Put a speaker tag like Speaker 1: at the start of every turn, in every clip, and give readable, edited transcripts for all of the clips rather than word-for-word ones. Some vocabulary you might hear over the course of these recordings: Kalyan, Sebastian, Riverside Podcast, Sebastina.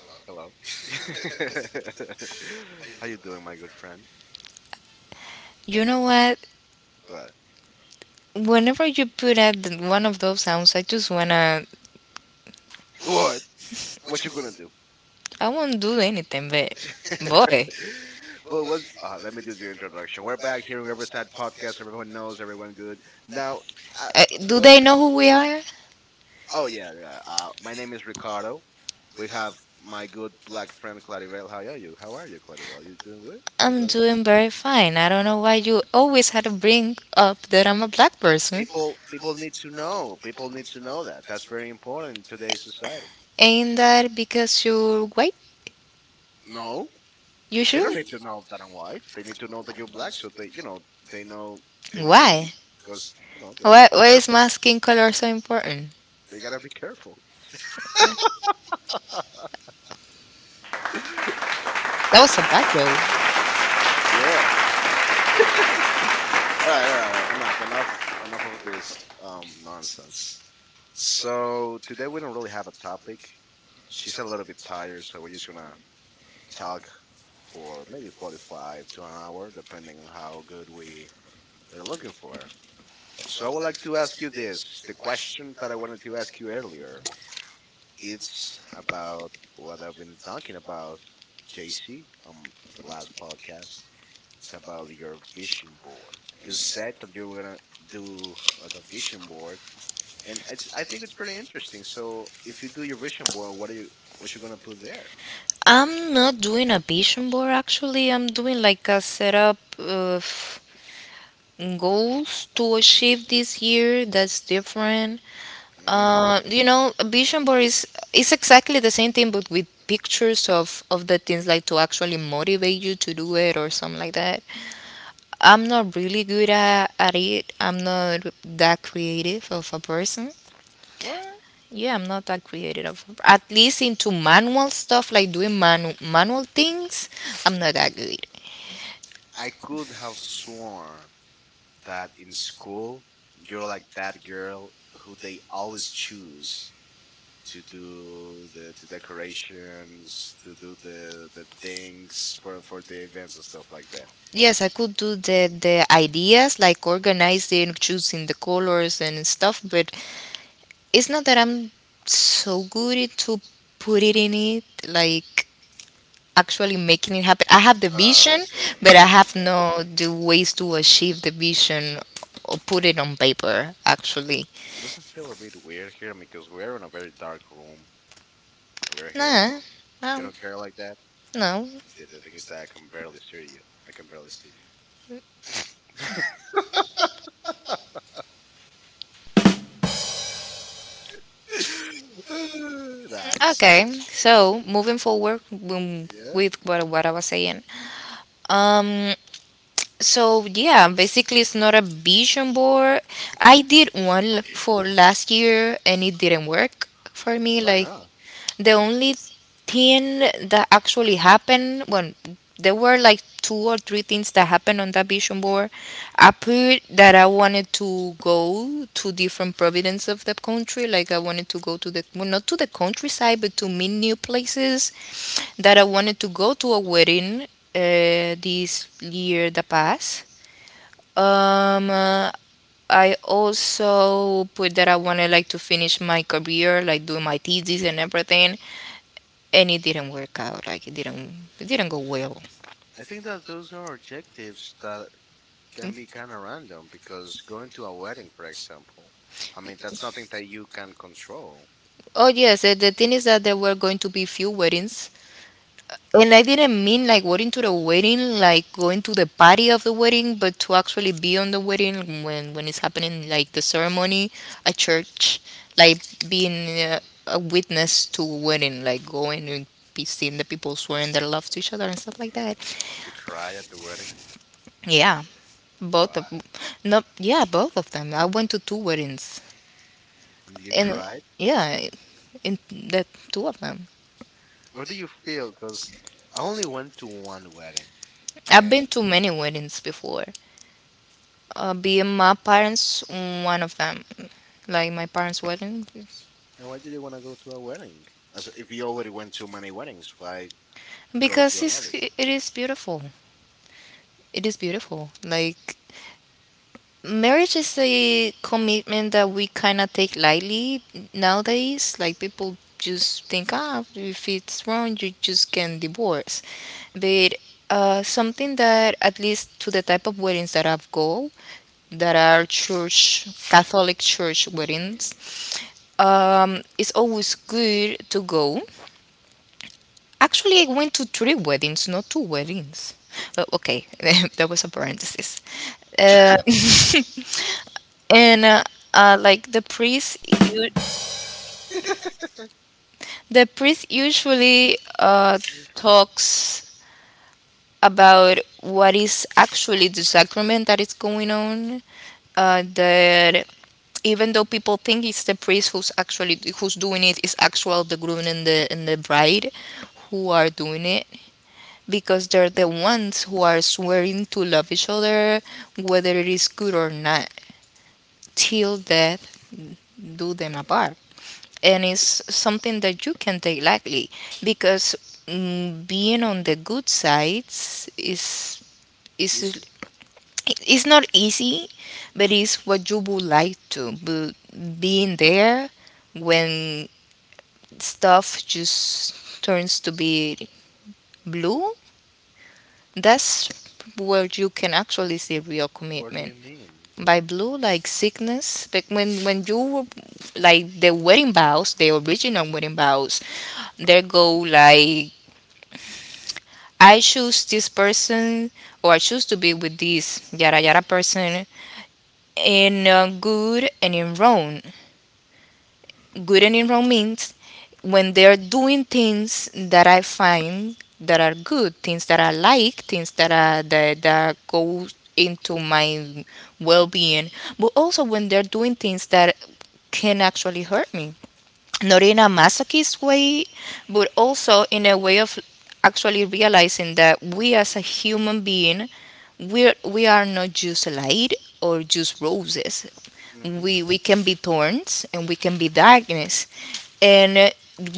Speaker 1: Hello. How you doing, my good friend?
Speaker 2: You know what?
Speaker 1: What?
Speaker 2: Whenever you put out one of those sounds, I just wanna.
Speaker 1: What? What you gonna do?
Speaker 2: I won't do anything, but boy,
Speaker 1: But what's? Let me do the introduction. We're back here on Riverside Podcast. Everyone knows. Everyone good. Now, uh,
Speaker 2: do
Speaker 1: what?
Speaker 2: they know who we are?
Speaker 1: Oh yeah, yeah. My name is Ricardo. We have my good black friend Claribel. How are you? How are you, Claribel? You doing good? You're
Speaker 2: I'm
Speaker 1: doing good.
Speaker 2: doing very fine. I don't know why you always had to bring up that I'm a black person.
Speaker 1: People need to know. People need to know that. That's very important in today's society.
Speaker 2: Ain't that because you're white?
Speaker 1: No.
Speaker 2: You
Speaker 1: They
Speaker 2: sure?
Speaker 1: don't need to know that I'm white. They need to know that you're black, so they, you know they need to be
Speaker 2: Why?
Speaker 1: because you know they gotta
Speaker 2: Why?
Speaker 1: be
Speaker 2: Why is
Speaker 1: careful.
Speaker 2: my skin color so important?
Speaker 1: They gotta be careful.
Speaker 2: That was a bad yo.
Speaker 1: Yeah. All right, right. Enough of this nonsense. So today we don't really have a topic. She's a little bit tired, so we're just gonna talk for maybe 45 to an hour, depending on how good we're looking for. So I would like to ask you this, the question that I wanted to ask you earlier. It's about what I've been talking about, JC, the last podcast. It's about your vision board. You said that you were gonna do like a vision board, and I think it's pretty interesting. So, if you do your vision board, what are you what you gonna put there?
Speaker 2: I'm not doing a vision board actually. I'm doing like a setup of goals to achieve this year that's different.
Speaker 1: Mm,
Speaker 2: You know, a vision board is exactly the same thing but with pictures of the things, like to actually motivate you to do it or something like that. I'm not really good at it. I'm not that creative of a person.
Speaker 1: what?
Speaker 2: Yeah, I'm not that creative. Of At least into manual stuff, like doing manual things, I'm not that good.
Speaker 1: I could have sworn that in school you're like that girl who they always choose to do the decorations, to do the things for the events and stuff like that.
Speaker 2: Yes, I could do the ideas, like organizing, choosing the colors and stuff, but it's not that I'm so good it to put it in it, like actually making it happen. I have the
Speaker 1: Oh,
Speaker 2: vision,
Speaker 1: okay.
Speaker 2: but I have
Speaker 1: Right.
Speaker 2: no the ways to achieve the vision or put it on paper actually.
Speaker 1: It doesn't feel a bit weird here because we're in a very dark room and we're here
Speaker 2: Nah.
Speaker 1: alone. You
Speaker 2: Um,
Speaker 1: don't care like that?
Speaker 2: no.
Speaker 1: Yeah, the thing is that I can barely see you. I can barely see you. Nah,
Speaker 2: Okay. So moving forward,
Speaker 1: yeah.
Speaker 2: with what I was saying. Um So yeah, basically it's not a vision board. I did one for last year and it didn't work for me.
Speaker 1: Why
Speaker 2: Like
Speaker 1: not?
Speaker 2: the only thing that actually happened when there were like two or three things that happened on that vision board. I put that I wanted to go to different provinces of the country. Like I wanted to go to the, well, not to the countryside, but to meet new places. That I wanted to go to a wedding this year that passed. um, uh, I also put that I wanted, like, to finish my career, like doing my thesis and everything, and it didn't work out. It didn't go well.
Speaker 1: I think that those are objectives that can be kind of random because going to a wedding, for example, I mean, that's nothing that you can control.
Speaker 2: Oh yes, the thing is that there were going to be few weddings. And I didn't mean like going to the wedding, like going to the party of the wedding, but to actually be on the wedding when it's happening, like the ceremony, a church, like being a
Speaker 1: Mm.
Speaker 2: witness to a wedding, like going and be seeing the people swearing their love to each other and stuff like that.
Speaker 1: Did you cry at the wedding?
Speaker 2: Yeah,
Speaker 1: Wow.
Speaker 2: both of, no, yeah, both of them. I went to two weddings,
Speaker 1: And you
Speaker 2: and
Speaker 1: cried?
Speaker 2: yeah, in that two of them.
Speaker 1: What do you feel? Because I only went to one wedding.
Speaker 2: I've been
Speaker 1: And,
Speaker 2: to many weddings before. Being my parents, one of them. Like my parents' wedding
Speaker 1: and why did you want to go to a wedding? As if you already went to many weddings, why go to
Speaker 2: because
Speaker 1: another?
Speaker 2: it's, it is beautiful. It is beautiful. Like marriage is a commitment that we kind of take lightly nowadays. Like people just think, ah, if it's wrong, you just can divorce. But something that, at least to the type of weddings that I've go, that are church, Catholic church weddings, it's always good to go. Actually, I went to three weddings, not two weddings. But okay, that was a parenthesis. Uh, and like the priest, u- the priest usually talks about what is actually the sacrament that is going on. That even though people think it's the priest who's actually who's doing it, it's actual the groom and the bride who are doing it because they're the ones who are swearing to love each other, whether it is good or not. Till death do them apart. And it's something that you can take lightly because, being on the good sides is
Speaker 1: Easy.
Speaker 2: it's not easy, but it's what you would like to. But being there when stuff just turns to be blue. That's where you can actually see real
Speaker 1: What do you
Speaker 2: commitment.
Speaker 1: mean?
Speaker 2: By blue, like sickness, but when like the wedding vows, the original wedding vows, they go like, I choose this person or I choose to be with this yada yada person in, good and in wrong. Good and in wrong means when they're doing things that I find that are good, things that I like, things that that go into my well-being, but also when they're doing things that can actually hurt me. Not in a masochist way, but also in a way of actually realizing that we, as a human being, we are not just light or just roses.
Speaker 1: Mm-hmm.
Speaker 2: We can be thorns and we can be darkness, and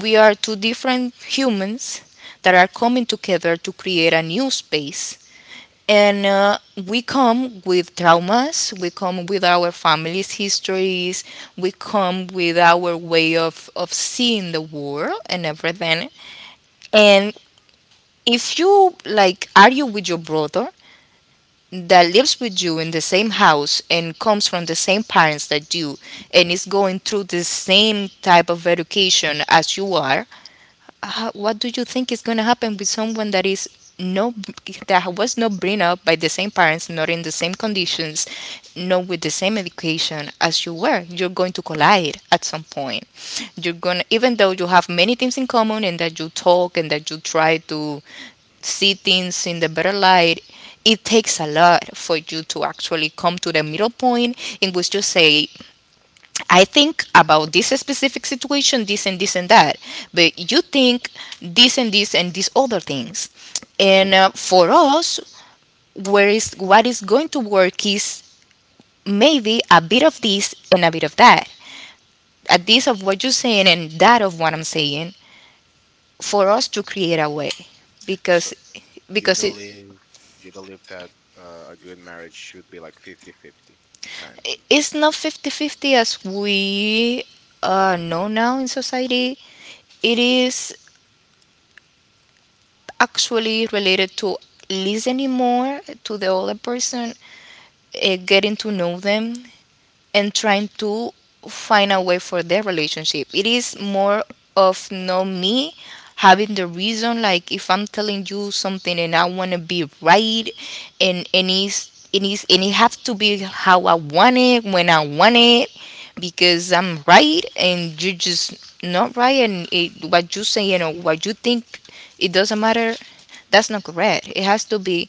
Speaker 2: we are two different humans that are coming together to create a new space, and we come with traumas, we come with our families histories, we come with our way of seeing the world and everything. And if you, like, argue with your brother that lives with you in the same house and comes from the same parents that you and is going through the same type of education as you are, what do you think is going to happen with someone that is, no, that was not brought up by the same parents, not in the same conditions, not with the same education as you were? You're going to collide at some point. You're going to, even though you have many things in common and that you talk and that you try to see things in the better light, it takes a lot for you to actually come to the middle point in which you say, I think about this specific situation, this and this and that, but you think this and this and these other things.
Speaker 1: Mm-hmm.
Speaker 2: And for us, where is what is going to work is maybe a bit of this and a bit of that, a this of what you're saying and that of what I'm saying, for us to create a way,
Speaker 1: So
Speaker 2: because
Speaker 1: you
Speaker 2: because it
Speaker 1: believe you believe that a good marriage should be like fifty-fifty, kind
Speaker 2: it's not 50-50 as we know now in society. It is actually related to listening more to the other person, getting to know them, and trying to find a way for their relationship. It is more of no me having the reason, like if I'm telling you something and I want to be right, and it's, it is, and it have to be how I want it when I want it because I'm right and you just not right, and it, what you say, you know what you think, it doesn't matter, that's not correct. It has to be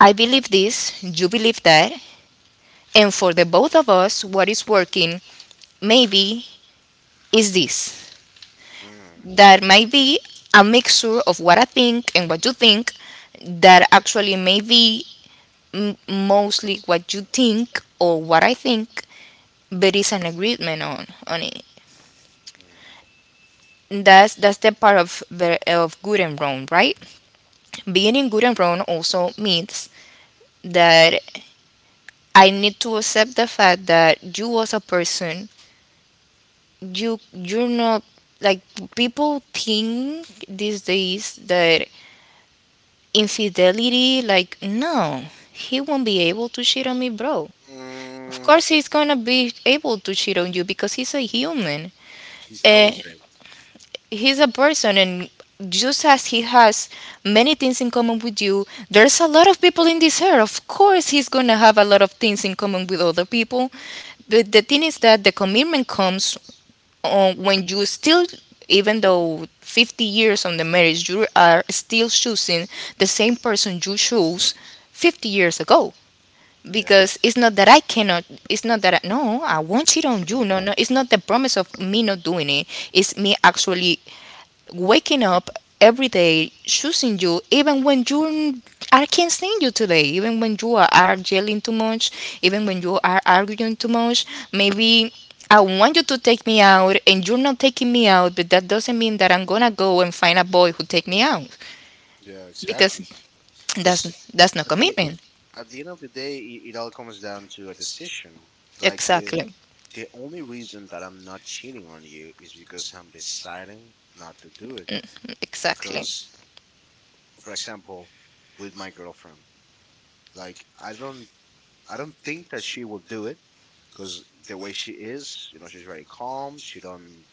Speaker 2: I believe this, you believe that, and for the both of us what is working maybe is this,
Speaker 1: of. Mm,
Speaker 2: that might be a mixture of what I think and what you think, that actually maybe m- mostly what you think or what I think, but it's an agreement on it.
Speaker 1: mm.
Speaker 2: That's the part of the of good and wrong, right? Being in good and wrong also means that I need to accept the fact that you, as a person, you're not, like, people think these days that infidelity, like, no, he won't be able to cheat on me bro. Of
Speaker 1: Mm,
Speaker 2: course he's gonna be able to cheat on you because he's a human.
Speaker 1: he's
Speaker 2: uh,
Speaker 1: always able
Speaker 2: he's a person, and just as he has many things in common with you, there's a lot of people in this earth. Of course he's gonna have a lot of things in common with other people, but the thing is that the commitment comes when you still, even though 50 years on the marriage, you are still choosing the same person you chose 50 years ago.
Speaker 1: to. Yeah,
Speaker 2: Because it's not that I cannot, it's not that I, no I won't cheat on
Speaker 1: yeah,
Speaker 2: you, no no, it's not the promise of me not doing it, it's me actually waking up every day, choosing you, even when you I can't stand you today, even when you are yelling too much, even when you are arguing too much. Maybe I want you to take me out and you're not taking me out, but that doesn't mean that I'm gonna go and find a boy who take me out
Speaker 1: yeah,
Speaker 2: because
Speaker 1: exactly. Because
Speaker 2: that's not
Speaker 1: at the
Speaker 2: commitment.
Speaker 1: at the end of the day, it all comes down to a decision. Like the
Speaker 2: Exactly,
Speaker 1: the only reason that I'm not cheating on you is because I'm deciding not to do it.
Speaker 2: exactly,
Speaker 1: Because, for example, with my girlfriend, like I don't think that she will do it, because the way she is, you know, she's very calm. She don't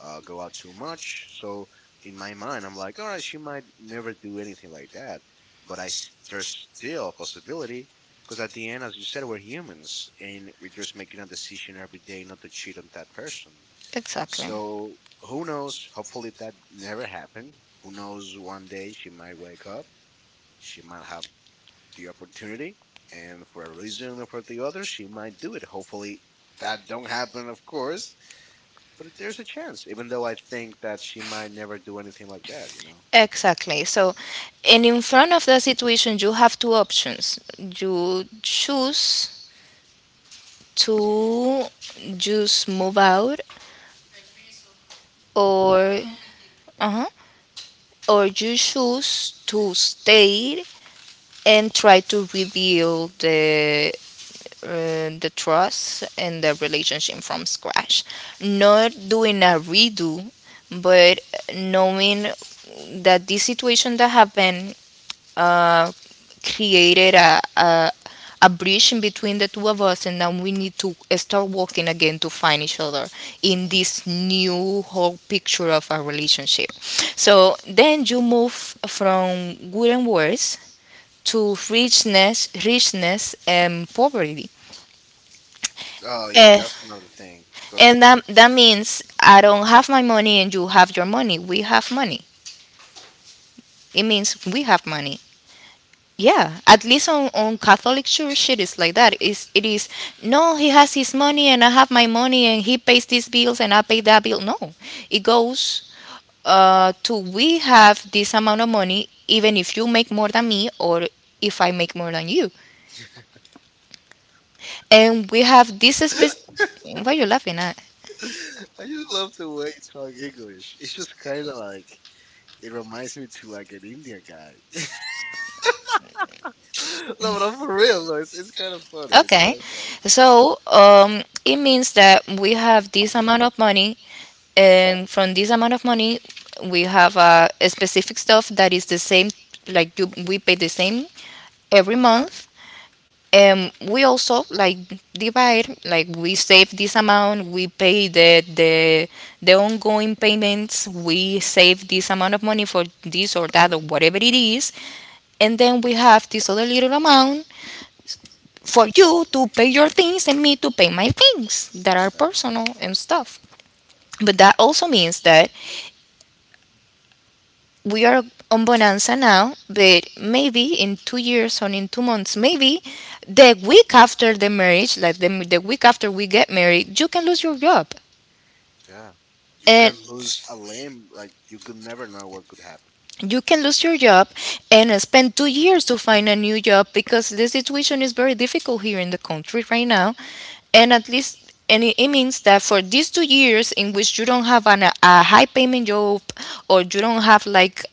Speaker 1: go out too much. So in my mind, I'm like, all right, she might never do anything like that, but there's still a possibility because at the end, as you said, we're humans and we're just making a decision every day not to cheat on that person.
Speaker 2: exactly.
Speaker 1: So who knows? Hopefully that never happened. Who knows? One day she might wake up. She might have the opportunity, and for a reason or for the other, she might do it. Hopefully, that don't happen, of course, but there's a chance. Even though I think that she might never do anything like that, you know.
Speaker 2: Exactly. So, and in front of that situation, you have two options. You choose to just move out,
Speaker 1: Mhm,
Speaker 2: or uh you choose to stay and try to rebuild the, the trust and the relationship from scratch, not doing a redo, but knowing that this situation that happened, uh, created a bridge in between the two of us, and now we need to start working again to find each other in
Speaker 1: mhm.
Speaker 2: this new whole picture of our relationship. So then you move from wooden words to richness, and poverty.
Speaker 1: Oh yeah,
Speaker 2: Eh,
Speaker 1: that's another thing. 'Cause
Speaker 2: and that, that means I don't have my money and you have your money. We have money. It means we have money. Yeah, at least on Catholic church it is like that. Is it is no, he has his money and I have my money, and he pays these bills and I pay that bill. No, it goes to we have this amount of money even if you make more than me, or if I make more than you, and we have this specific. What are you laughing at?
Speaker 1: I just love the way you talk English. It's just kind of like it reminds me to like an Indian guy. No, but I'm for real though. It's kind of funny. It's kind
Speaker 2: Okay.
Speaker 1: of funny.
Speaker 2: So it means that we have this amount of money, and from this amount of money, we have a specific stuff that is the same. Like you, we pay the same every
Speaker 1: Kind of
Speaker 2: month, and we also like divide. Like we save this amount, we pay the the ongoing payments. We save this amount of money for this or that or whatever it is, and then we have this other little amount for you to pay your things and me to pay my things that are
Speaker 1: funny.
Speaker 2: personal and stuff. But that also means that we are on bonanza now, but maybe in 2 years or in 2 months, maybe the week after the marriage, like the week after we get married, you can lose your job.
Speaker 1: Yeah, you
Speaker 2: And
Speaker 1: can lose a limb. Like you could never know what could happen.
Speaker 2: you can lose your job and spend 2 years to find a new job because the situation is very difficult here in the country right now. And at least it means that for these 2 years in which you don't have a high payment job, or you don't have like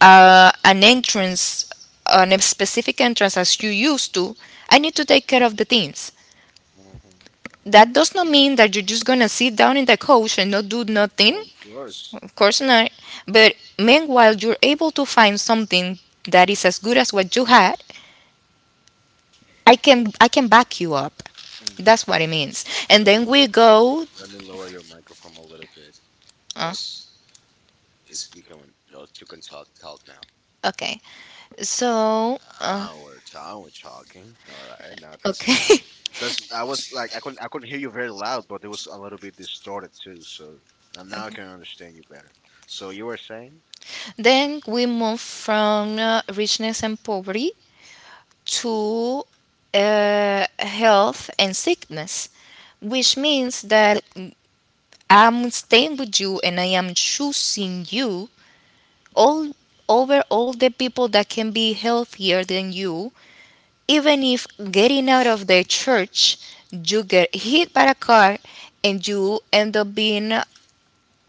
Speaker 2: an entrance, an specific entrance as you used to, I need to take care of the things.
Speaker 1: Hmm.
Speaker 2: That does not mean that you're just gonna sit down in the couch and not do nothing.
Speaker 1: No, of course.
Speaker 2: Of course not, but meanwhile you're able to find something that is as good as what you had, I can back you up.
Speaker 1: Mm.
Speaker 2: That's what it means, and
Speaker 1: Let
Speaker 2: then
Speaker 1: me
Speaker 2: we go
Speaker 1: let me lower your microphone a little bit
Speaker 2: uh,
Speaker 1: because it's becoming. No, you can talk now.
Speaker 2: okay. So,
Speaker 1: Ah, we're talking. We're talking. All right, now that's better.
Speaker 2: okay.
Speaker 1: Because I was like, I couldn't hear you very loud, but it was a little bit distorted too. So and now I can understand you better. So you were saying
Speaker 2: Then we move from richness and poverty to health and sickness, which means that I'm staying with you and I am choosing you all over all the people that can be healthier than you, even if getting out of the church, you get hit by a car and you end up being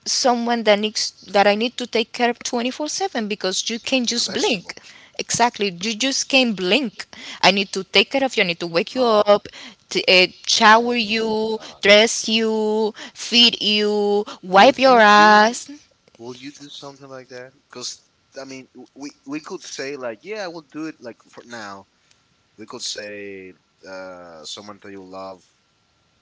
Speaker 2: someone that needs, that I need to take care of 24/7 because you can't
Speaker 1: a
Speaker 2: just
Speaker 1: vegetable.
Speaker 2: blink. Exactly, you just can't blink. I need to take care of you. I need to wake you
Speaker 1: Oh,
Speaker 2: up, shower
Speaker 1: oh my
Speaker 2: you,
Speaker 1: God.
Speaker 2: dress you, feed you,
Speaker 1: Will
Speaker 2: wipe your
Speaker 1: you do?
Speaker 2: ass.
Speaker 1: Will you do something like that? Because I mean, we could say like, yeah, we'll do it like for now. We could say someone that you love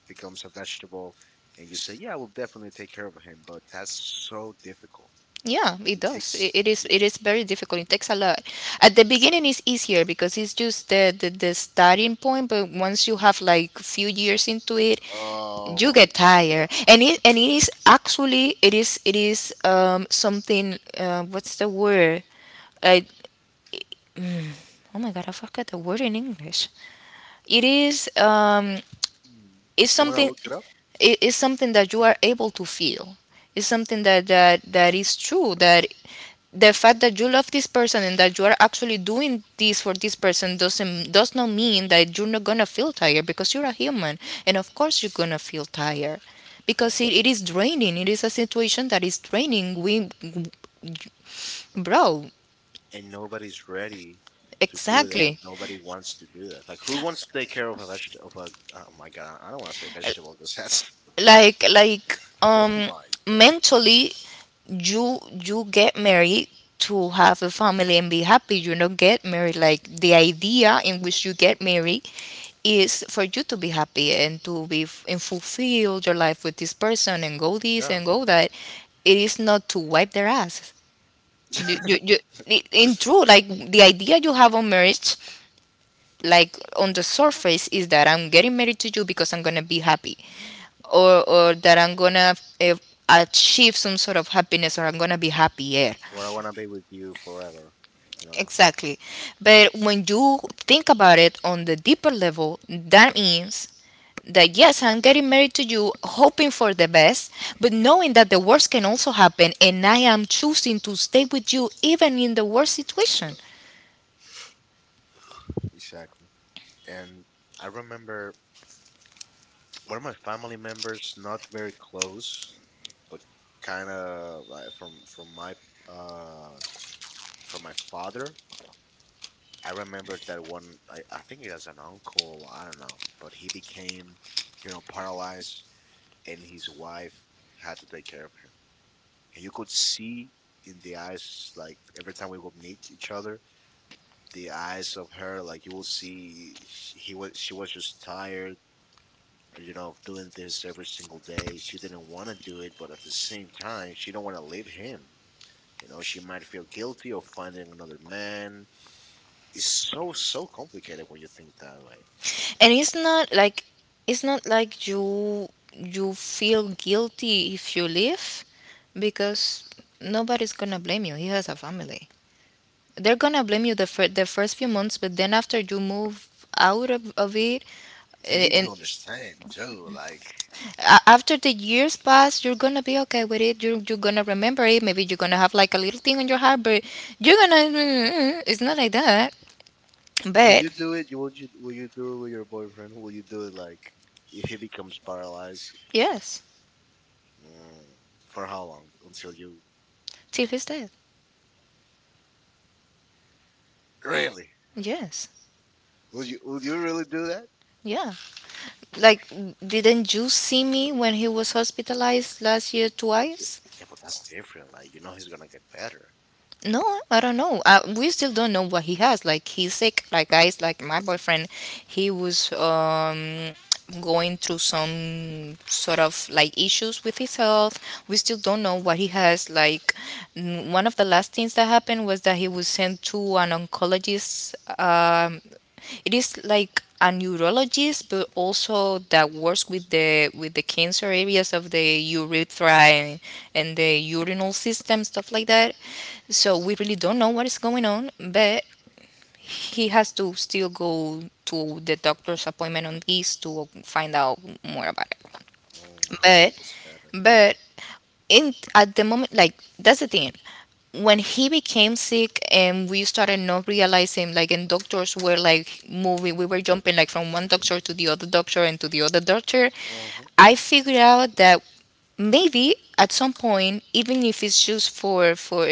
Speaker 1: becomes a vegetable, and you say, "Yeah, I will definitely take care of him," but that's so difficult.
Speaker 2: Yeah, it
Speaker 1: It takes.
Speaker 2: does. It is. It is very difficult. It takes a lot. At the beginning, it's easier because it's just the starting point. But once you have like few years into it,
Speaker 1: Oh
Speaker 2: you
Speaker 1: my!
Speaker 2: get tired, and it is actually it is something. What's the word? I, oh my god, I forgot the word in English. It is
Speaker 1: Mm.
Speaker 2: It's
Speaker 1: And when I want to
Speaker 2: something,
Speaker 1: look it up.
Speaker 2: it is something that you are able to feel. It's something that that is true. That the fact that you love this person and that you are actually doing this for this person does not mean that you're not gonna feel tired because you're a human, and of course you're gonna feel tired
Speaker 1: Yeah.
Speaker 2: because it is draining. It is a situation that is draining. We, bro,
Speaker 1: And nobody's ready to do that.
Speaker 2: exactly.
Speaker 1: Nobody wants to do that. Like, who wants to take care of a vegetable? Of a, oh my god! I don't want to say vegetable because that's.
Speaker 2: Like
Speaker 1: Oh my god!
Speaker 2: mentally, you get married to have a family and be happy. You don't get married like, the idea in which you get married is for you to be happy and to be f- and fulfill your life with this person and go this
Speaker 1: Yeah.
Speaker 2: and go that. It is not to wipe their ass. you, you, you, in true, like the idea you have on marriage, like on the surface, is that I'm getting married to you because I'm gonna be happy, or that I'm gonna eh, achieve some sort of happiness, or I'm gonna be happy, yeah.
Speaker 1: Where I want to be with you forever. You know
Speaker 2: Exactly. But when you think about it on the deeper level, that means that yes, I'm getting married to you, hoping for the best, but knowing that the worst can also happen, and I am choosing to stay with you even in the worst situation.
Speaker 1: exactly. And I remember one of my family members, not very close, but kind of from uh from my father. I remember that one. I think he has an uncle. I don't know, but he became, you know, paralyzed, and his wife had to take care of him. And you could see in the eyes, like every time we would meet each other, the eyes of her, like you will see, sh- he was she was just tired you know, doing this every single day. She didn't want to do it, but at the same time, she don't want to leave him. You know, she might feel guilty of finding another man. It's so complicated when you think that way.
Speaker 2: And it's not like you feel guilty if you leave, because nobody's gonna blame you. He has a family. They're gonna blame you the first few months, but then after you move out of it,
Speaker 1: They need
Speaker 2: and
Speaker 1: to understand too. Like,
Speaker 2: after the years pass, you're gonna be okay with it. You're gonna remember it. Maybe you're gonna have like a little thing on your heart, but you're gonna. It's not like that.
Speaker 1: will
Speaker 2: But
Speaker 1: you do it? Will you do it with your boyfriend? Will you do it like if he becomes paralyzed?
Speaker 2: yes,
Speaker 1: Mm, for how long until you
Speaker 2: till he's dead.
Speaker 1: really?
Speaker 2: Yes,
Speaker 1: Will you really do that?
Speaker 2: yeah. Like, didn't you see me when he was hospitalized last year
Speaker 1: Yeah,
Speaker 2: twice?
Speaker 1: yeah, but that's different. Like, you know, he's gonna get better.
Speaker 2: No, I don't know. We still don't know what he has. Like he's sick. Like guys, like my boyfriend, he was going through some sort of like issues with his health. We still don't know what he has. Like one of the last things that happened was that he was sent to an oncologist. Um, it is like a neurologist, but also that works with the cancer areas of the urethra, and the urinal system, stuff like that. So we really don't know what is going on, but he has to still go to the doctor's appointment on this to find out more about it.
Speaker 1: Mm, I hope he
Speaker 2: But
Speaker 1: gets better.
Speaker 2: but in at the moment, like, that's the thing. When he became sick and we started not realizing, like, and doctors were like moving, we were jumping like from one doctor to the other doctor and to the other doctor,
Speaker 1: Mhm.
Speaker 2: I figured out that maybe at some point, even if it's just for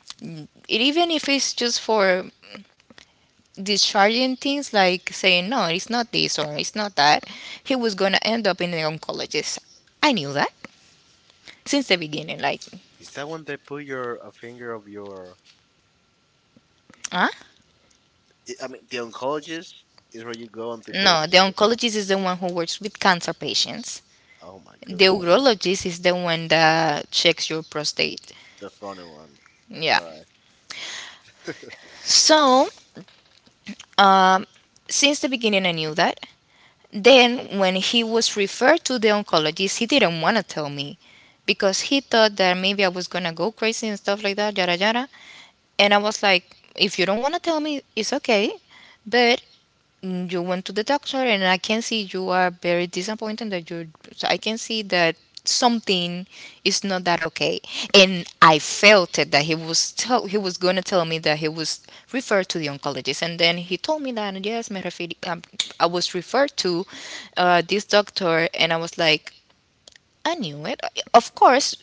Speaker 2: even if it's just for discharging things, like saying no, it's not this or it's not that, he was going to end up in the oncologist. I knew that since the beginning, like
Speaker 1: Is that when they put your a finger of your?
Speaker 2: huh.
Speaker 1: I mean, the oncologist is where you go and they put a
Speaker 2: No, the
Speaker 1: finger.
Speaker 2: oncologist is the one who works with cancer patients.
Speaker 1: Oh my
Speaker 2: The
Speaker 1: good lord,
Speaker 2: urologist is the one that checks your prostate.
Speaker 1: the funny one.
Speaker 2: Yeah.
Speaker 1: All right,
Speaker 2: So, um, since the beginning, I knew that. Then, when he was referred to the oncologist, he didn't want to tell me because he thought that maybe I was going to go crazy and stuff like that, yada yada. And I was like, if you don't want to tell me, it's okay. But you went to the doctor and I can see you are very disappointed that you, so I can see that something is not that okay, and I felt it that he was going to tell me that he was referred to the oncologist. And then he told me that yes, I was referred to this doctor, and I was like, I knew it. Of course,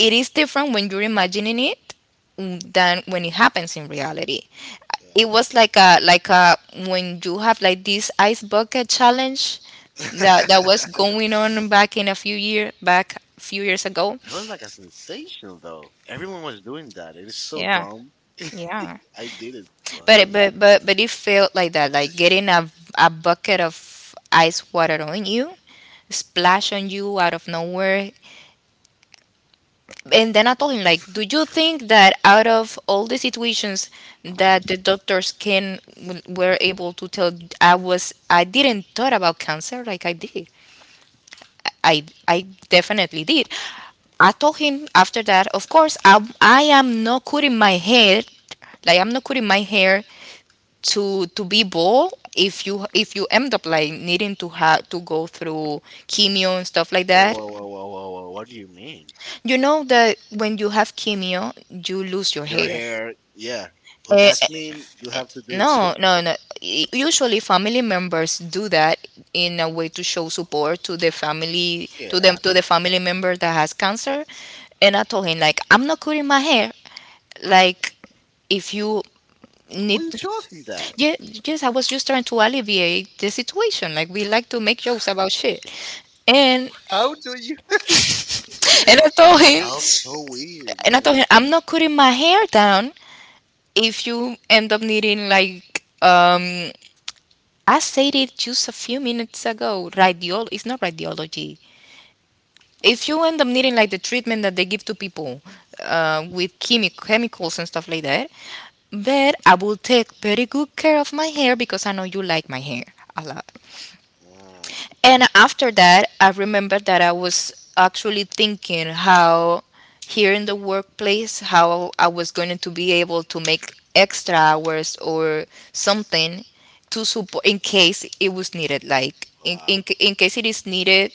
Speaker 2: it is different when you're imagining it than when it happens in reality.
Speaker 1: yeah.
Speaker 2: It was like a like a, when you have like this ice bucket challenge that was going on back in a few year back few years ago.
Speaker 1: That was like a sensation though. Everyone was doing that. It is so
Speaker 2: Yeah,
Speaker 1: dumb.
Speaker 2: yeah.
Speaker 1: I did it once. And-
Speaker 2: But it felt like that, like getting a bucket of ice water on you, splash on you out of nowhere. And then I told him, like, do you think that out of all the situations that the doctors can were able to tell, I didn't thought about cancer? Like I did. I definitely did. I told him after that, of course, I am not cutting my hair, like I'm not cutting my hair to be bald. If you end up like needing to have to go through chemo and stuff like
Speaker 1: Whoa,
Speaker 2: that,
Speaker 1: whoa, whoa, whoa, whoa, whoa! What do you mean?
Speaker 2: you know that when you have chemo, you lose your
Speaker 1: Your
Speaker 2: hair.
Speaker 1: hair? Yeah, but
Speaker 2: Eh,
Speaker 1: that mean you
Speaker 2: eh,
Speaker 1: have to do it too.
Speaker 2: No, no, no. Usually, family members do that in a way to show support to the family,
Speaker 1: Get
Speaker 2: to them,
Speaker 1: out!
Speaker 2: to the family member that has cancer. And I told him like, I'm not cutting my hair. Like, if you
Speaker 1: What
Speaker 2: need,
Speaker 1: are you
Speaker 2: to,
Speaker 1: talking that?
Speaker 2: yeah, yes, I was just trying to alleviate the situation. Like, we like to make jokes about shit. And
Speaker 1: How do you?
Speaker 2: and I told him,
Speaker 1: Y'all so weird,
Speaker 2: and I told
Speaker 1: man.
Speaker 2: him, I'm not cutting my hair down if you end up needing like. I said it just a few minutes ago. Radiol It's not radiology. If you end up needing like the treatment that they give to people with chemicals and stuff like that, but I will take very good care of my hair because I know you like my hair a lot.
Speaker 1: Mm,
Speaker 2: And after that, I remember that I was actually thinking how here in the workplace, how I was going to be able to make extra hours or something to support in case it was needed. Like
Speaker 1: wow,
Speaker 2: in case it is needed,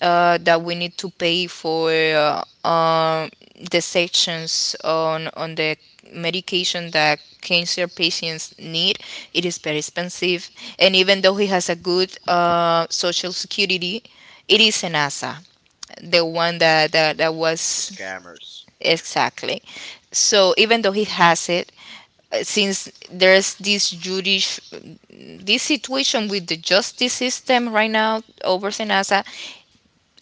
Speaker 2: that we need to pay for the sections on the medication that cancer patients need. It is very expensive, and even though he has a good social security, it is an ASA, the one that
Speaker 1: the
Speaker 2: was
Speaker 1: scammers.
Speaker 2: exactly. So even though he has it, since there's this situation with the justice system right now over Senasa,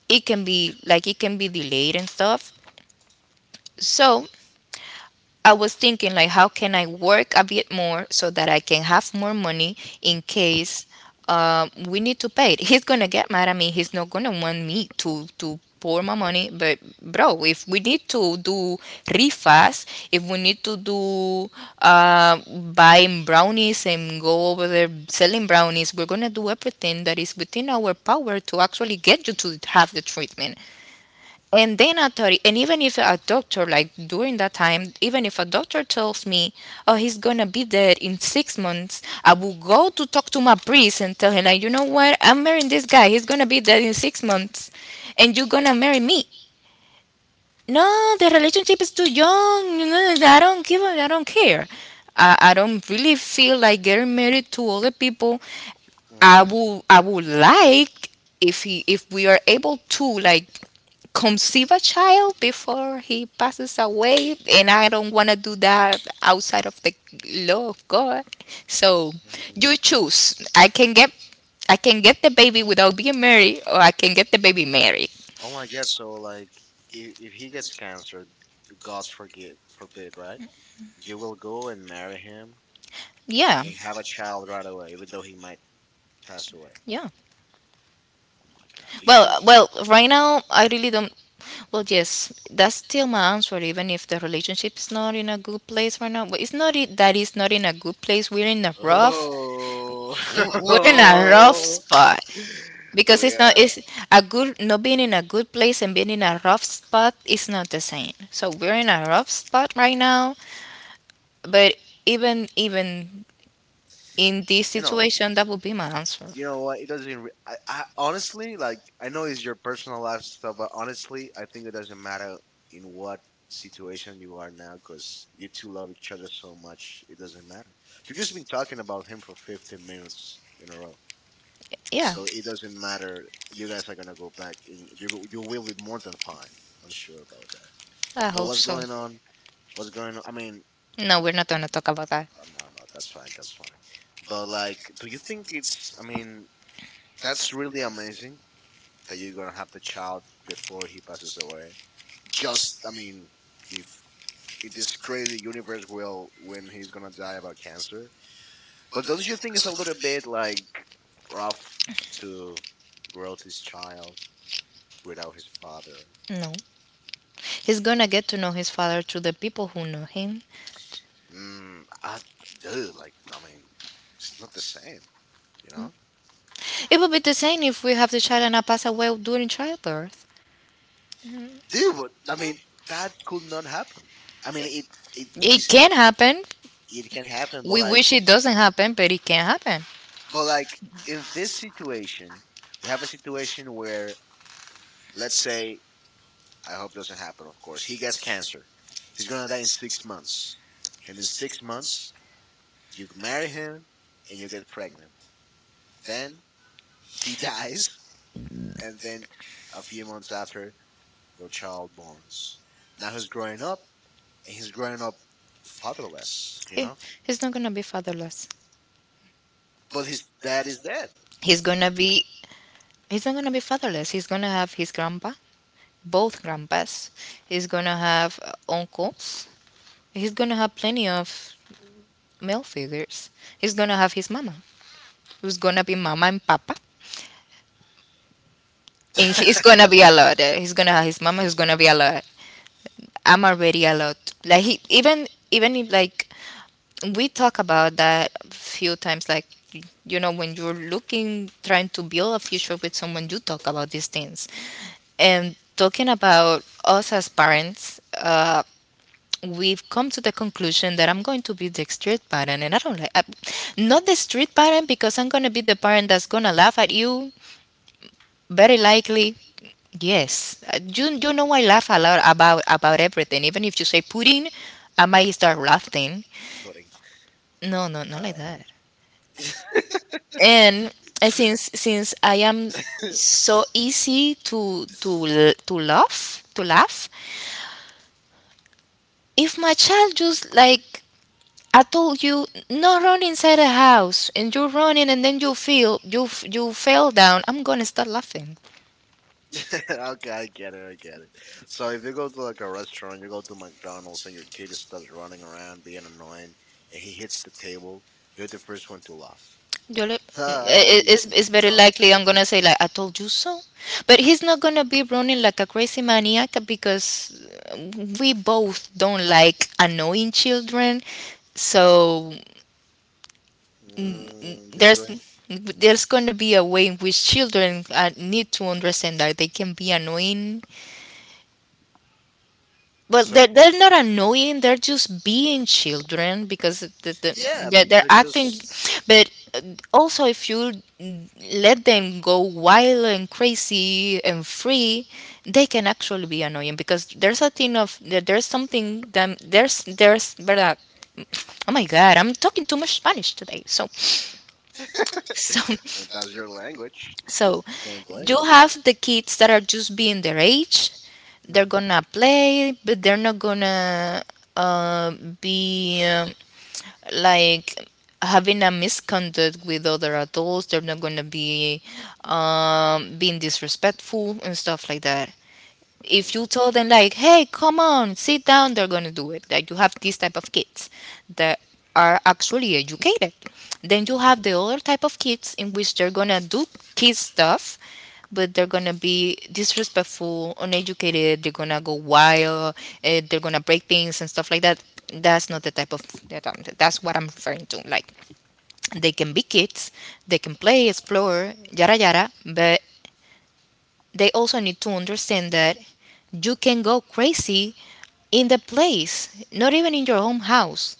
Speaker 2: it can be like it can be delayed and stuff. So I was thinking like how can I work a bit more so that I can have more money in case we need to pay it. He's gonna get mad at me. He's not gonna want me to pour my money. But bro, if we need to do refas, if we need to do uh, buying brownies and go over there selling brownies, we're gonna do everything that is within our power to actually get you to have the treatment and then authority. And even if a doctor, like during that time, even if a doctor tells me, oh, he's gonna be dead in six months, I will go to talk to my priest and tell him like, you know what, I'm marrying this guy, he's gonna be dead in six months and you're gonna marry me. No, the relationship is too young, you know, I don't give a, I don't care. I don't really feel like getting married to other people. I
Speaker 1: Mhm.
Speaker 2: would I would like if he, if we are able to like conceive a child before he passes away. And I don't want to do that outside of the law of God. So
Speaker 1: Hmm.
Speaker 2: you choose. I can get the baby without being married, or I can get the baby married.
Speaker 1: Oh my God! So like, if he gets cancer, God's forget forbid, right? You will go and marry him
Speaker 2: Yeah,
Speaker 1: and have a child right away, even though he might pass away.
Speaker 2: yeah.
Speaker 1: Oh my God! Do you
Speaker 2: Well,
Speaker 1: think?
Speaker 2: well, right now I really don't, well, yes, that's still my answer. Even if the relationship is not in a good place right now, but it's not, it, that it's not in a good place. We're in a rough.
Speaker 1: Oh,
Speaker 2: We're in a rough
Speaker 1: oh
Speaker 2: spot. Because it's not,
Speaker 1: yeah.
Speaker 2: it's a good, not being in a good place and being in a rough spot is not the same, so we're in a rough spot right now. But even in this
Speaker 1: You know,
Speaker 2: situation that would be my answer.
Speaker 1: you know what? It doesn't. I honestly like. I know it's your personal life and stuff, but honestly, I think it doesn't matter in what situation you are now, because you two love each other so much. It doesn't matter. You've just been talking about him for 15 minutes in a row,
Speaker 2: Yeah,
Speaker 1: so it doesn't matter. You guys are gonna go back, and you will be more than fine. I'm sure about that.
Speaker 2: I
Speaker 1: But
Speaker 2: hope
Speaker 1: what's
Speaker 2: so.
Speaker 1: going on? What's going on? I mean,
Speaker 2: No, we're not gonna talk about that.
Speaker 1: oh, no, no, that's fine, that's fine. But like, do you think it's? I mean, that's really amazing that you're gonna have the child before he passes away. Just, I mean, if in this crazy universe will when he's gonna die about cancer. But don't you think it's a little bit like rough to grow this child without his father?
Speaker 2: No, he's gonna get to know his father through the people who know him.
Speaker 1: Mm, I, dude, like, I mean, it's not the same, you know?
Speaker 2: It would be the same if we have the child and I pass away during childbirth.
Speaker 1: Dude, but I mean, that could not happen. I mean, it it,
Speaker 2: It can happen. It
Speaker 1: it can happen,
Speaker 2: We wish it doesn't happen, but it can happen.
Speaker 1: but like in this situation, we have a situation where let's say, I hope doesn't happen, of course. He gets cancer. He's gonna die in 6 months. And in 6 months, you marry him and you get pregnant. Then he dies, and then a few months after, your child borns. Now he's growing up, and he's growing up fatherless, you
Speaker 2: He,
Speaker 1: know.
Speaker 2: he's not gonna be fatherless.
Speaker 1: But his dad is dead.
Speaker 2: He's gonna be he's not gonna be fatherless. He's gonna have his grandpa, both grandpas. He's gonna have uncles. He's gonna have plenty of male figures. He's gonna have his mama, who's gonna be mama and papa. And he's gonna be a lot. He's gonna have his mama, who's gonna be a lot. I'm already a lot. Like he, even if like we talk about that a few times, like you know when you're looking trying to build a future with someone, you talk about these things. And talking about us as parents, we've come to the conclusion that I'm going to be the strict parent, and I don't like, I, not the strict parent, because I'm gonna be the parent that's gonna laugh at you. Very likely. Yes, you know I laugh a lot about everything. Even if you say pudding, I might start laughing.
Speaker 1: Putting
Speaker 2: No, no, not like
Speaker 1: uh,
Speaker 2: that. And since I am so easy to laugh, if my child just like, I told you not run inside the house and you're running and then you fell down, I'm gonna start laughing.
Speaker 1: okay, I get it, I get it. So if you go to like a restaurant, you go to McDonald's, and your kid starts running around being annoying, and he hits the table, you're the first one to laugh.
Speaker 2: You're like, "Mm,
Speaker 1: Ah, you
Speaker 2: it's very
Speaker 1: dumb
Speaker 2: likely
Speaker 1: kid.
Speaker 2: I'm gonna say like I told you so, but he's not gonna be running like a crazy maniac because uh, we both don't like annoying children, so mm, mm,
Speaker 1: Mm, you're
Speaker 2: there's
Speaker 1: going.
Speaker 2: there's gonna be a way in which children need to understand that they can be annoying. Well,
Speaker 1: So
Speaker 2: they're not annoying. They're just being children because
Speaker 1: yeah, I mean,
Speaker 2: they're
Speaker 1: they're just.
Speaker 2: acting. But also, if you let them go wild and crazy and free, they can actually be annoying because there's a thing of there's something that there's verdad. Oh my God, I'm talking too much Spanish today. So, so,
Speaker 1: I mean, that's your language.
Speaker 2: so,
Speaker 1: Can't blame
Speaker 2: you
Speaker 1: you.
Speaker 2: have the kids that are just being their age, they're
Speaker 1: Mhm.
Speaker 2: gonna play, but they're not gonna uh, be like having a misconduct with other adults. They're not gonna be being disrespectful and stuff like that. If
Speaker 1: Yeah.
Speaker 2: you tell them like, hey, come on, sit down, they're going to do it. Like you have this type of kids that are actually educated. Then you have the
Speaker 1: Hmm.
Speaker 2: other type of kids in which they're going to do kid stuff, but they're going to be disrespectful, uneducated, they're going to go wild, they're going to break things and stuff like that. That's not the type of, that's what I'm referring to. Like they can be kids, they can play, explore, yada yada, but they also need to understand that you can go crazy in the place, not even in your own house,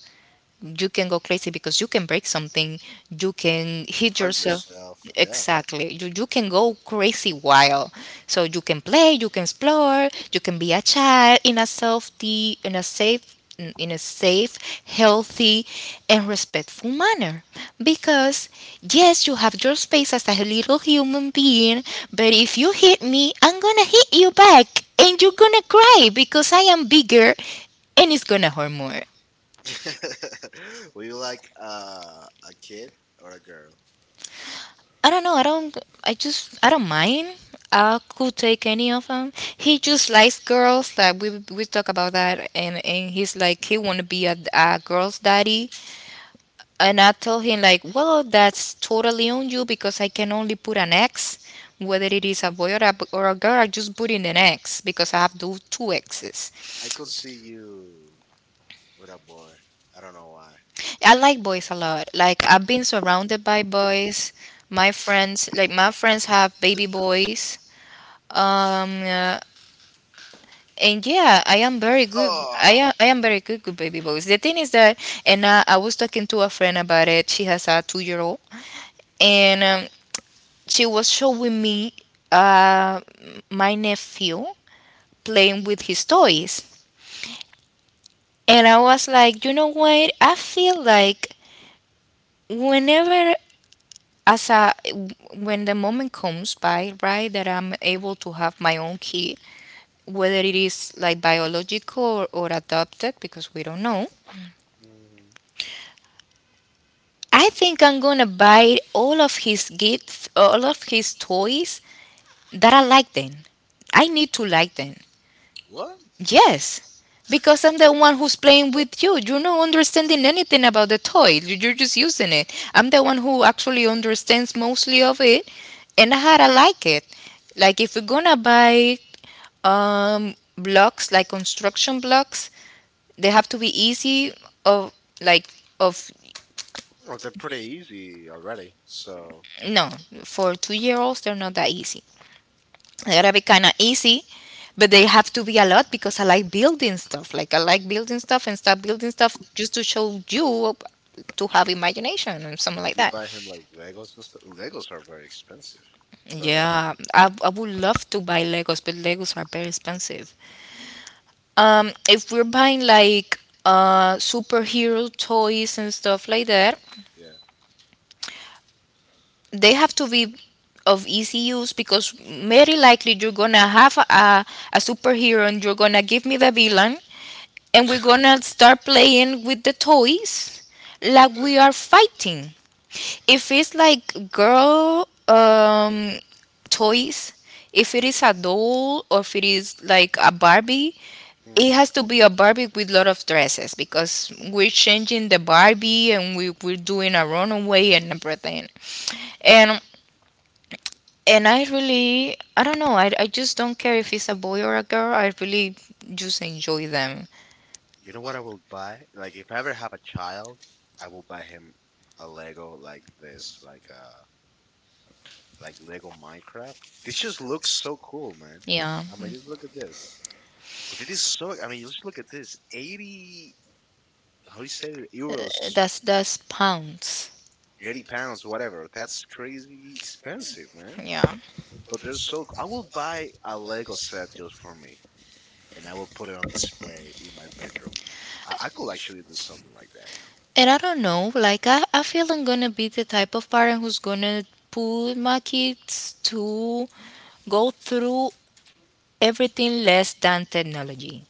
Speaker 2: you can go crazy because you can break something, you can hit
Speaker 1: Hurt
Speaker 2: yourself.
Speaker 1: yourself. Yeah.
Speaker 2: Exactly. You can go crazy wild. So you can play, you can explore, you can be a child in a safety, in a safe, healthy, and respectful manner. Because yes, you have your space as a little human being, but if you hit me, I'm gonna hit you back and you're gonna cry because I am bigger and it's gonna hurt more.
Speaker 1: Were you like a kid or a girl?
Speaker 2: I don't know. I don't. I just. I don't mind. I could take any of them. He just likes girls. Like we talk about that, and he's like he wanna be a girl's daddy. And I told him like, well, that's totally on you because I can only put an X, whether it is a boy or or a girl. I just put in an X because I have do two X's.
Speaker 1: I could see you with a boy. I don't know why.
Speaker 2: I like boys a lot. Like I've been surrounded by boys. My friends, like my friends, have baby boys. Um, uh, and yeah, I am very good.
Speaker 1: Oh,
Speaker 2: I am very good with baby boys. The thing is that, and I was talking to a friend about it. She has a two-year-old, and she was showing me uh, my nephew playing with his toys, and I was like, you know what? I feel like whenever, as a when the moment comes by, right, that I'm able to have my own kid, whether it is like biological or adopted because we don't know,
Speaker 1: mhm.
Speaker 2: I think I'm gonna buy all of his gifts, all of his toys that I like. Then I need to like them.
Speaker 1: What?
Speaker 2: Yes, because I'm the one who's playing with you. You're not understanding anything about the toy. You're just using it. I'm the one who actually understands mostly of it and how I like it. Like if we're gonna buy blocks, like construction blocks, they have to be easy of like of
Speaker 1: Well, they're pretty easy already. So
Speaker 2: no, for 2-year olds they're not that easy. They gotta be kind of easy, but they have to be a lot because I like building stuff. Like I like building stuff and start building stuff just to show you, to have imagination and something
Speaker 1: did
Speaker 2: like
Speaker 1: you
Speaker 2: that.
Speaker 1: buy him like Legos and stuff? Legos are very expensive, but
Speaker 2: Yeah, I would love to buy Legos, but Legos are very expensive. If we're buying like superhero toys and stuff like that,
Speaker 1: yeah.
Speaker 2: they have to be of easy use because very likely you're gonna have a superhero and you're gonna give me the villain and we're gonna start playing with the toys like we are fighting. If it's like girl toys, if it is a doll or if it is like a barbie, it
Speaker 1: Mhm.
Speaker 2: has to be a barbie with lot of dresses because we're changing the barbie and we're doing a runaway and everything. and and I really, I don't know, I just don't care if it's a boy or a girl. I really just enjoy them.
Speaker 1: You know what I will buy? Like if I ever have a child, I will buy him a Lego like this, like Lego Minecraft. This just looks so cool, man.
Speaker 2: Yeah,
Speaker 1: I mean, just look at this. But it is so. I mean, just look at this. 80, how do you say it?
Speaker 2: Uh,
Speaker 1: Euros,
Speaker 2: that's pounds.
Speaker 1: £80, whatever. That's crazy expensive, man.
Speaker 2: Yeah,
Speaker 1: But they're so. I will buy a Lego set just for me, and I will put it on display in my bedroom. I could actually do something like that.
Speaker 2: and I don't know, like I feel I'm gonna be the type of parent who's gonna put my kids to go through everything less than technology.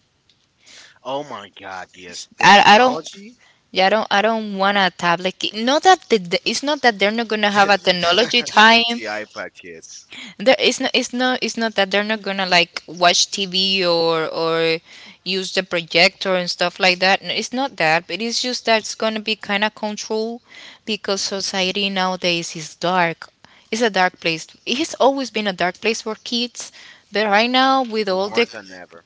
Speaker 1: Oh my God, yes,
Speaker 2: I don't,
Speaker 1: technology,
Speaker 2: yeah, I don't. I don't want a tablet. Not that it's not that they're not gonna have a technology time.
Speaker 1: the iPad kids,
Speaker 2: There, it's not. It's not. It's not that they're not gonna like watch TV or use the projector and stuff like that. No, it's not that, but it's just that it's gonna be kind of controlled because
Speaker 1: hmm
Speaker 2: society nowadays is dark. It's a dark place. It has always been a dark place for kids, but right now with
Speaker 1: but
Speaker 2: all
Speaker 1: more
Speaker 2: the,
Speaker 1: than ever.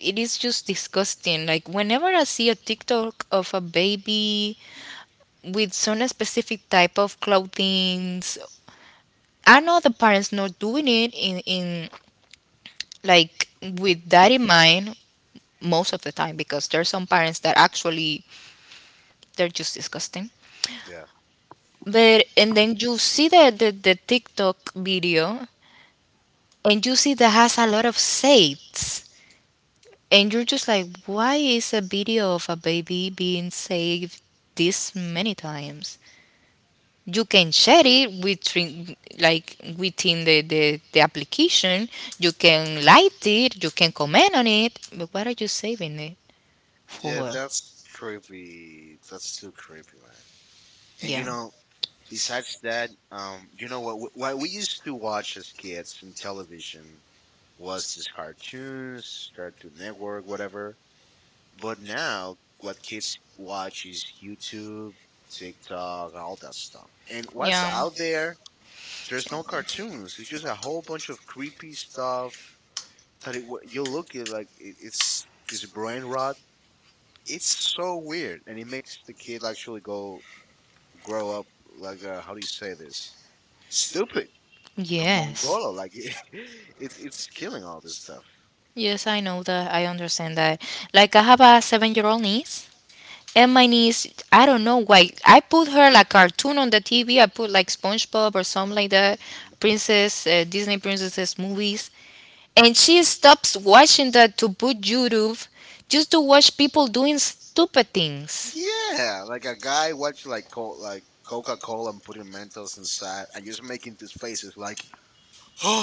Speaker 2: it is just disgusting. Like whenever I see a TikTok of a baby with some specific type of clothing, I know the parents not doing it in like with that in mind most of the time, because there are some parents that actually they're just disgusting.
Speaker 1: Yeah,
Speaker 2: But and then you see the tiktok video and you see that has a lot of saved and you're just like why is a video of a baby being saved this many times. You can share it within, like within the application, you can like it, you can comment on it, but why are you saving. Yeah,
Speaker 1: yeah,
Speaker 2: for
Speaker 1: that's creepy. That's too creepy, man. And you
Speaker 2: yeah,
Speaker 1: know, besides that, you know what? What we used to watch as kids in television was these cartoons, Cartoon Network, whatever. But now, what kids watch is YouTube, TikTok, all that stuff. And what's
Speaker 2: yeah,
Speaker 1: out there? There's no cartoons. It's just a whole bunch of creepy stuff that it, you look at like it's this brain rot. It's so weird, and it makes the kid actually go grow up like how do you say this? Stupid, a mongolo.
Speaker 2: yes.
Speaker 1: Like it's killing all this stuff.
Speaker 2: Yes, I know that. I understand that. Like, I have a 7-year old niece, and my niece, I don't know why. I put her like cartoon on the TV. I put like SpongeBob or something like that, princess, Disney princesses movies, and she stops watching the to boot YouTube just to watch people doing stupid things.
Speaker 1: Yeah, like a guy watch like like Coca Cola and putting Mentos inside and just making these faces like, oh,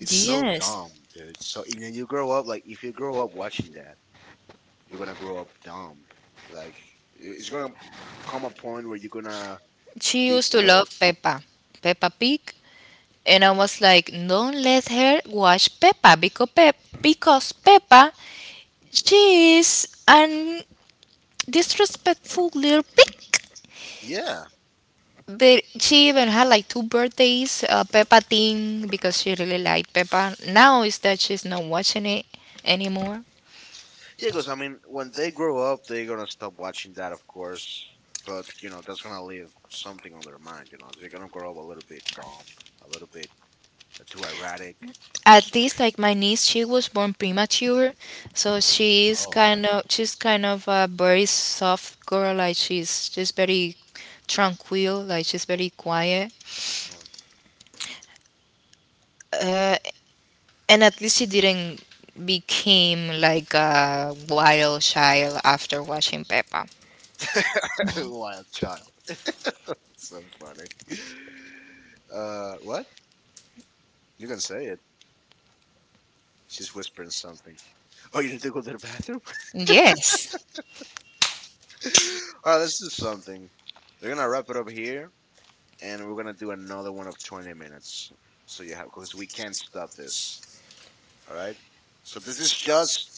Speaker 1: it's so dumb, dude. So you know, you grow up like if you grow up watching that, you're gonna grow up dumb. Like it's gonna come a point where you're gonna
Speaker 2: She
Speaker 1: be
Speaker 2: used to
Speaker 1: bored.
Speaker 2: love Peppa, Peppa Pig. And I was like, don't let her watch Peppa, because, because Peppa, she is an disrespectful little pig.
Speaker 1: Yeah,
Speaker 2: But she even had like two birthdays, Peppa Thing, because she really liked Peppa. Now is that she's not watching it anymore.
Speaker 1: yeah. Because I mean, when they grow up, they're gonna stop watching that, of course. But you know, that's gonna leave something on their mind. You know, they're gonna grow up a little bit dumb, a little bit too erratic,
Speaker 2: At least like my niece, she was born premature, so she's
Speaker 1: oh,
Speaker 2: kind of, she's kind of a very soft girl. Like she's just very tranquil, like she's very quiet.
Speaker 1: Lord.
Speaker 2: Uh, and at least she didn't became like a wild child after watching Peppa.
Speaker 1: Wild child. So funny. What? You can say it. She's whispering something. Oh, you need to go to the bathroom?
Speaker 2: Yes.
Speaker 1: All right, let's do something. We're gonna wrap it up here, and we're gonna do another one of 20 minutes. So you have, because we can't stop this. All right. So this is just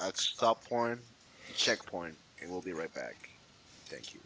Speaker 1: a stop point, checkpoint, and we'll be right back. Thank you.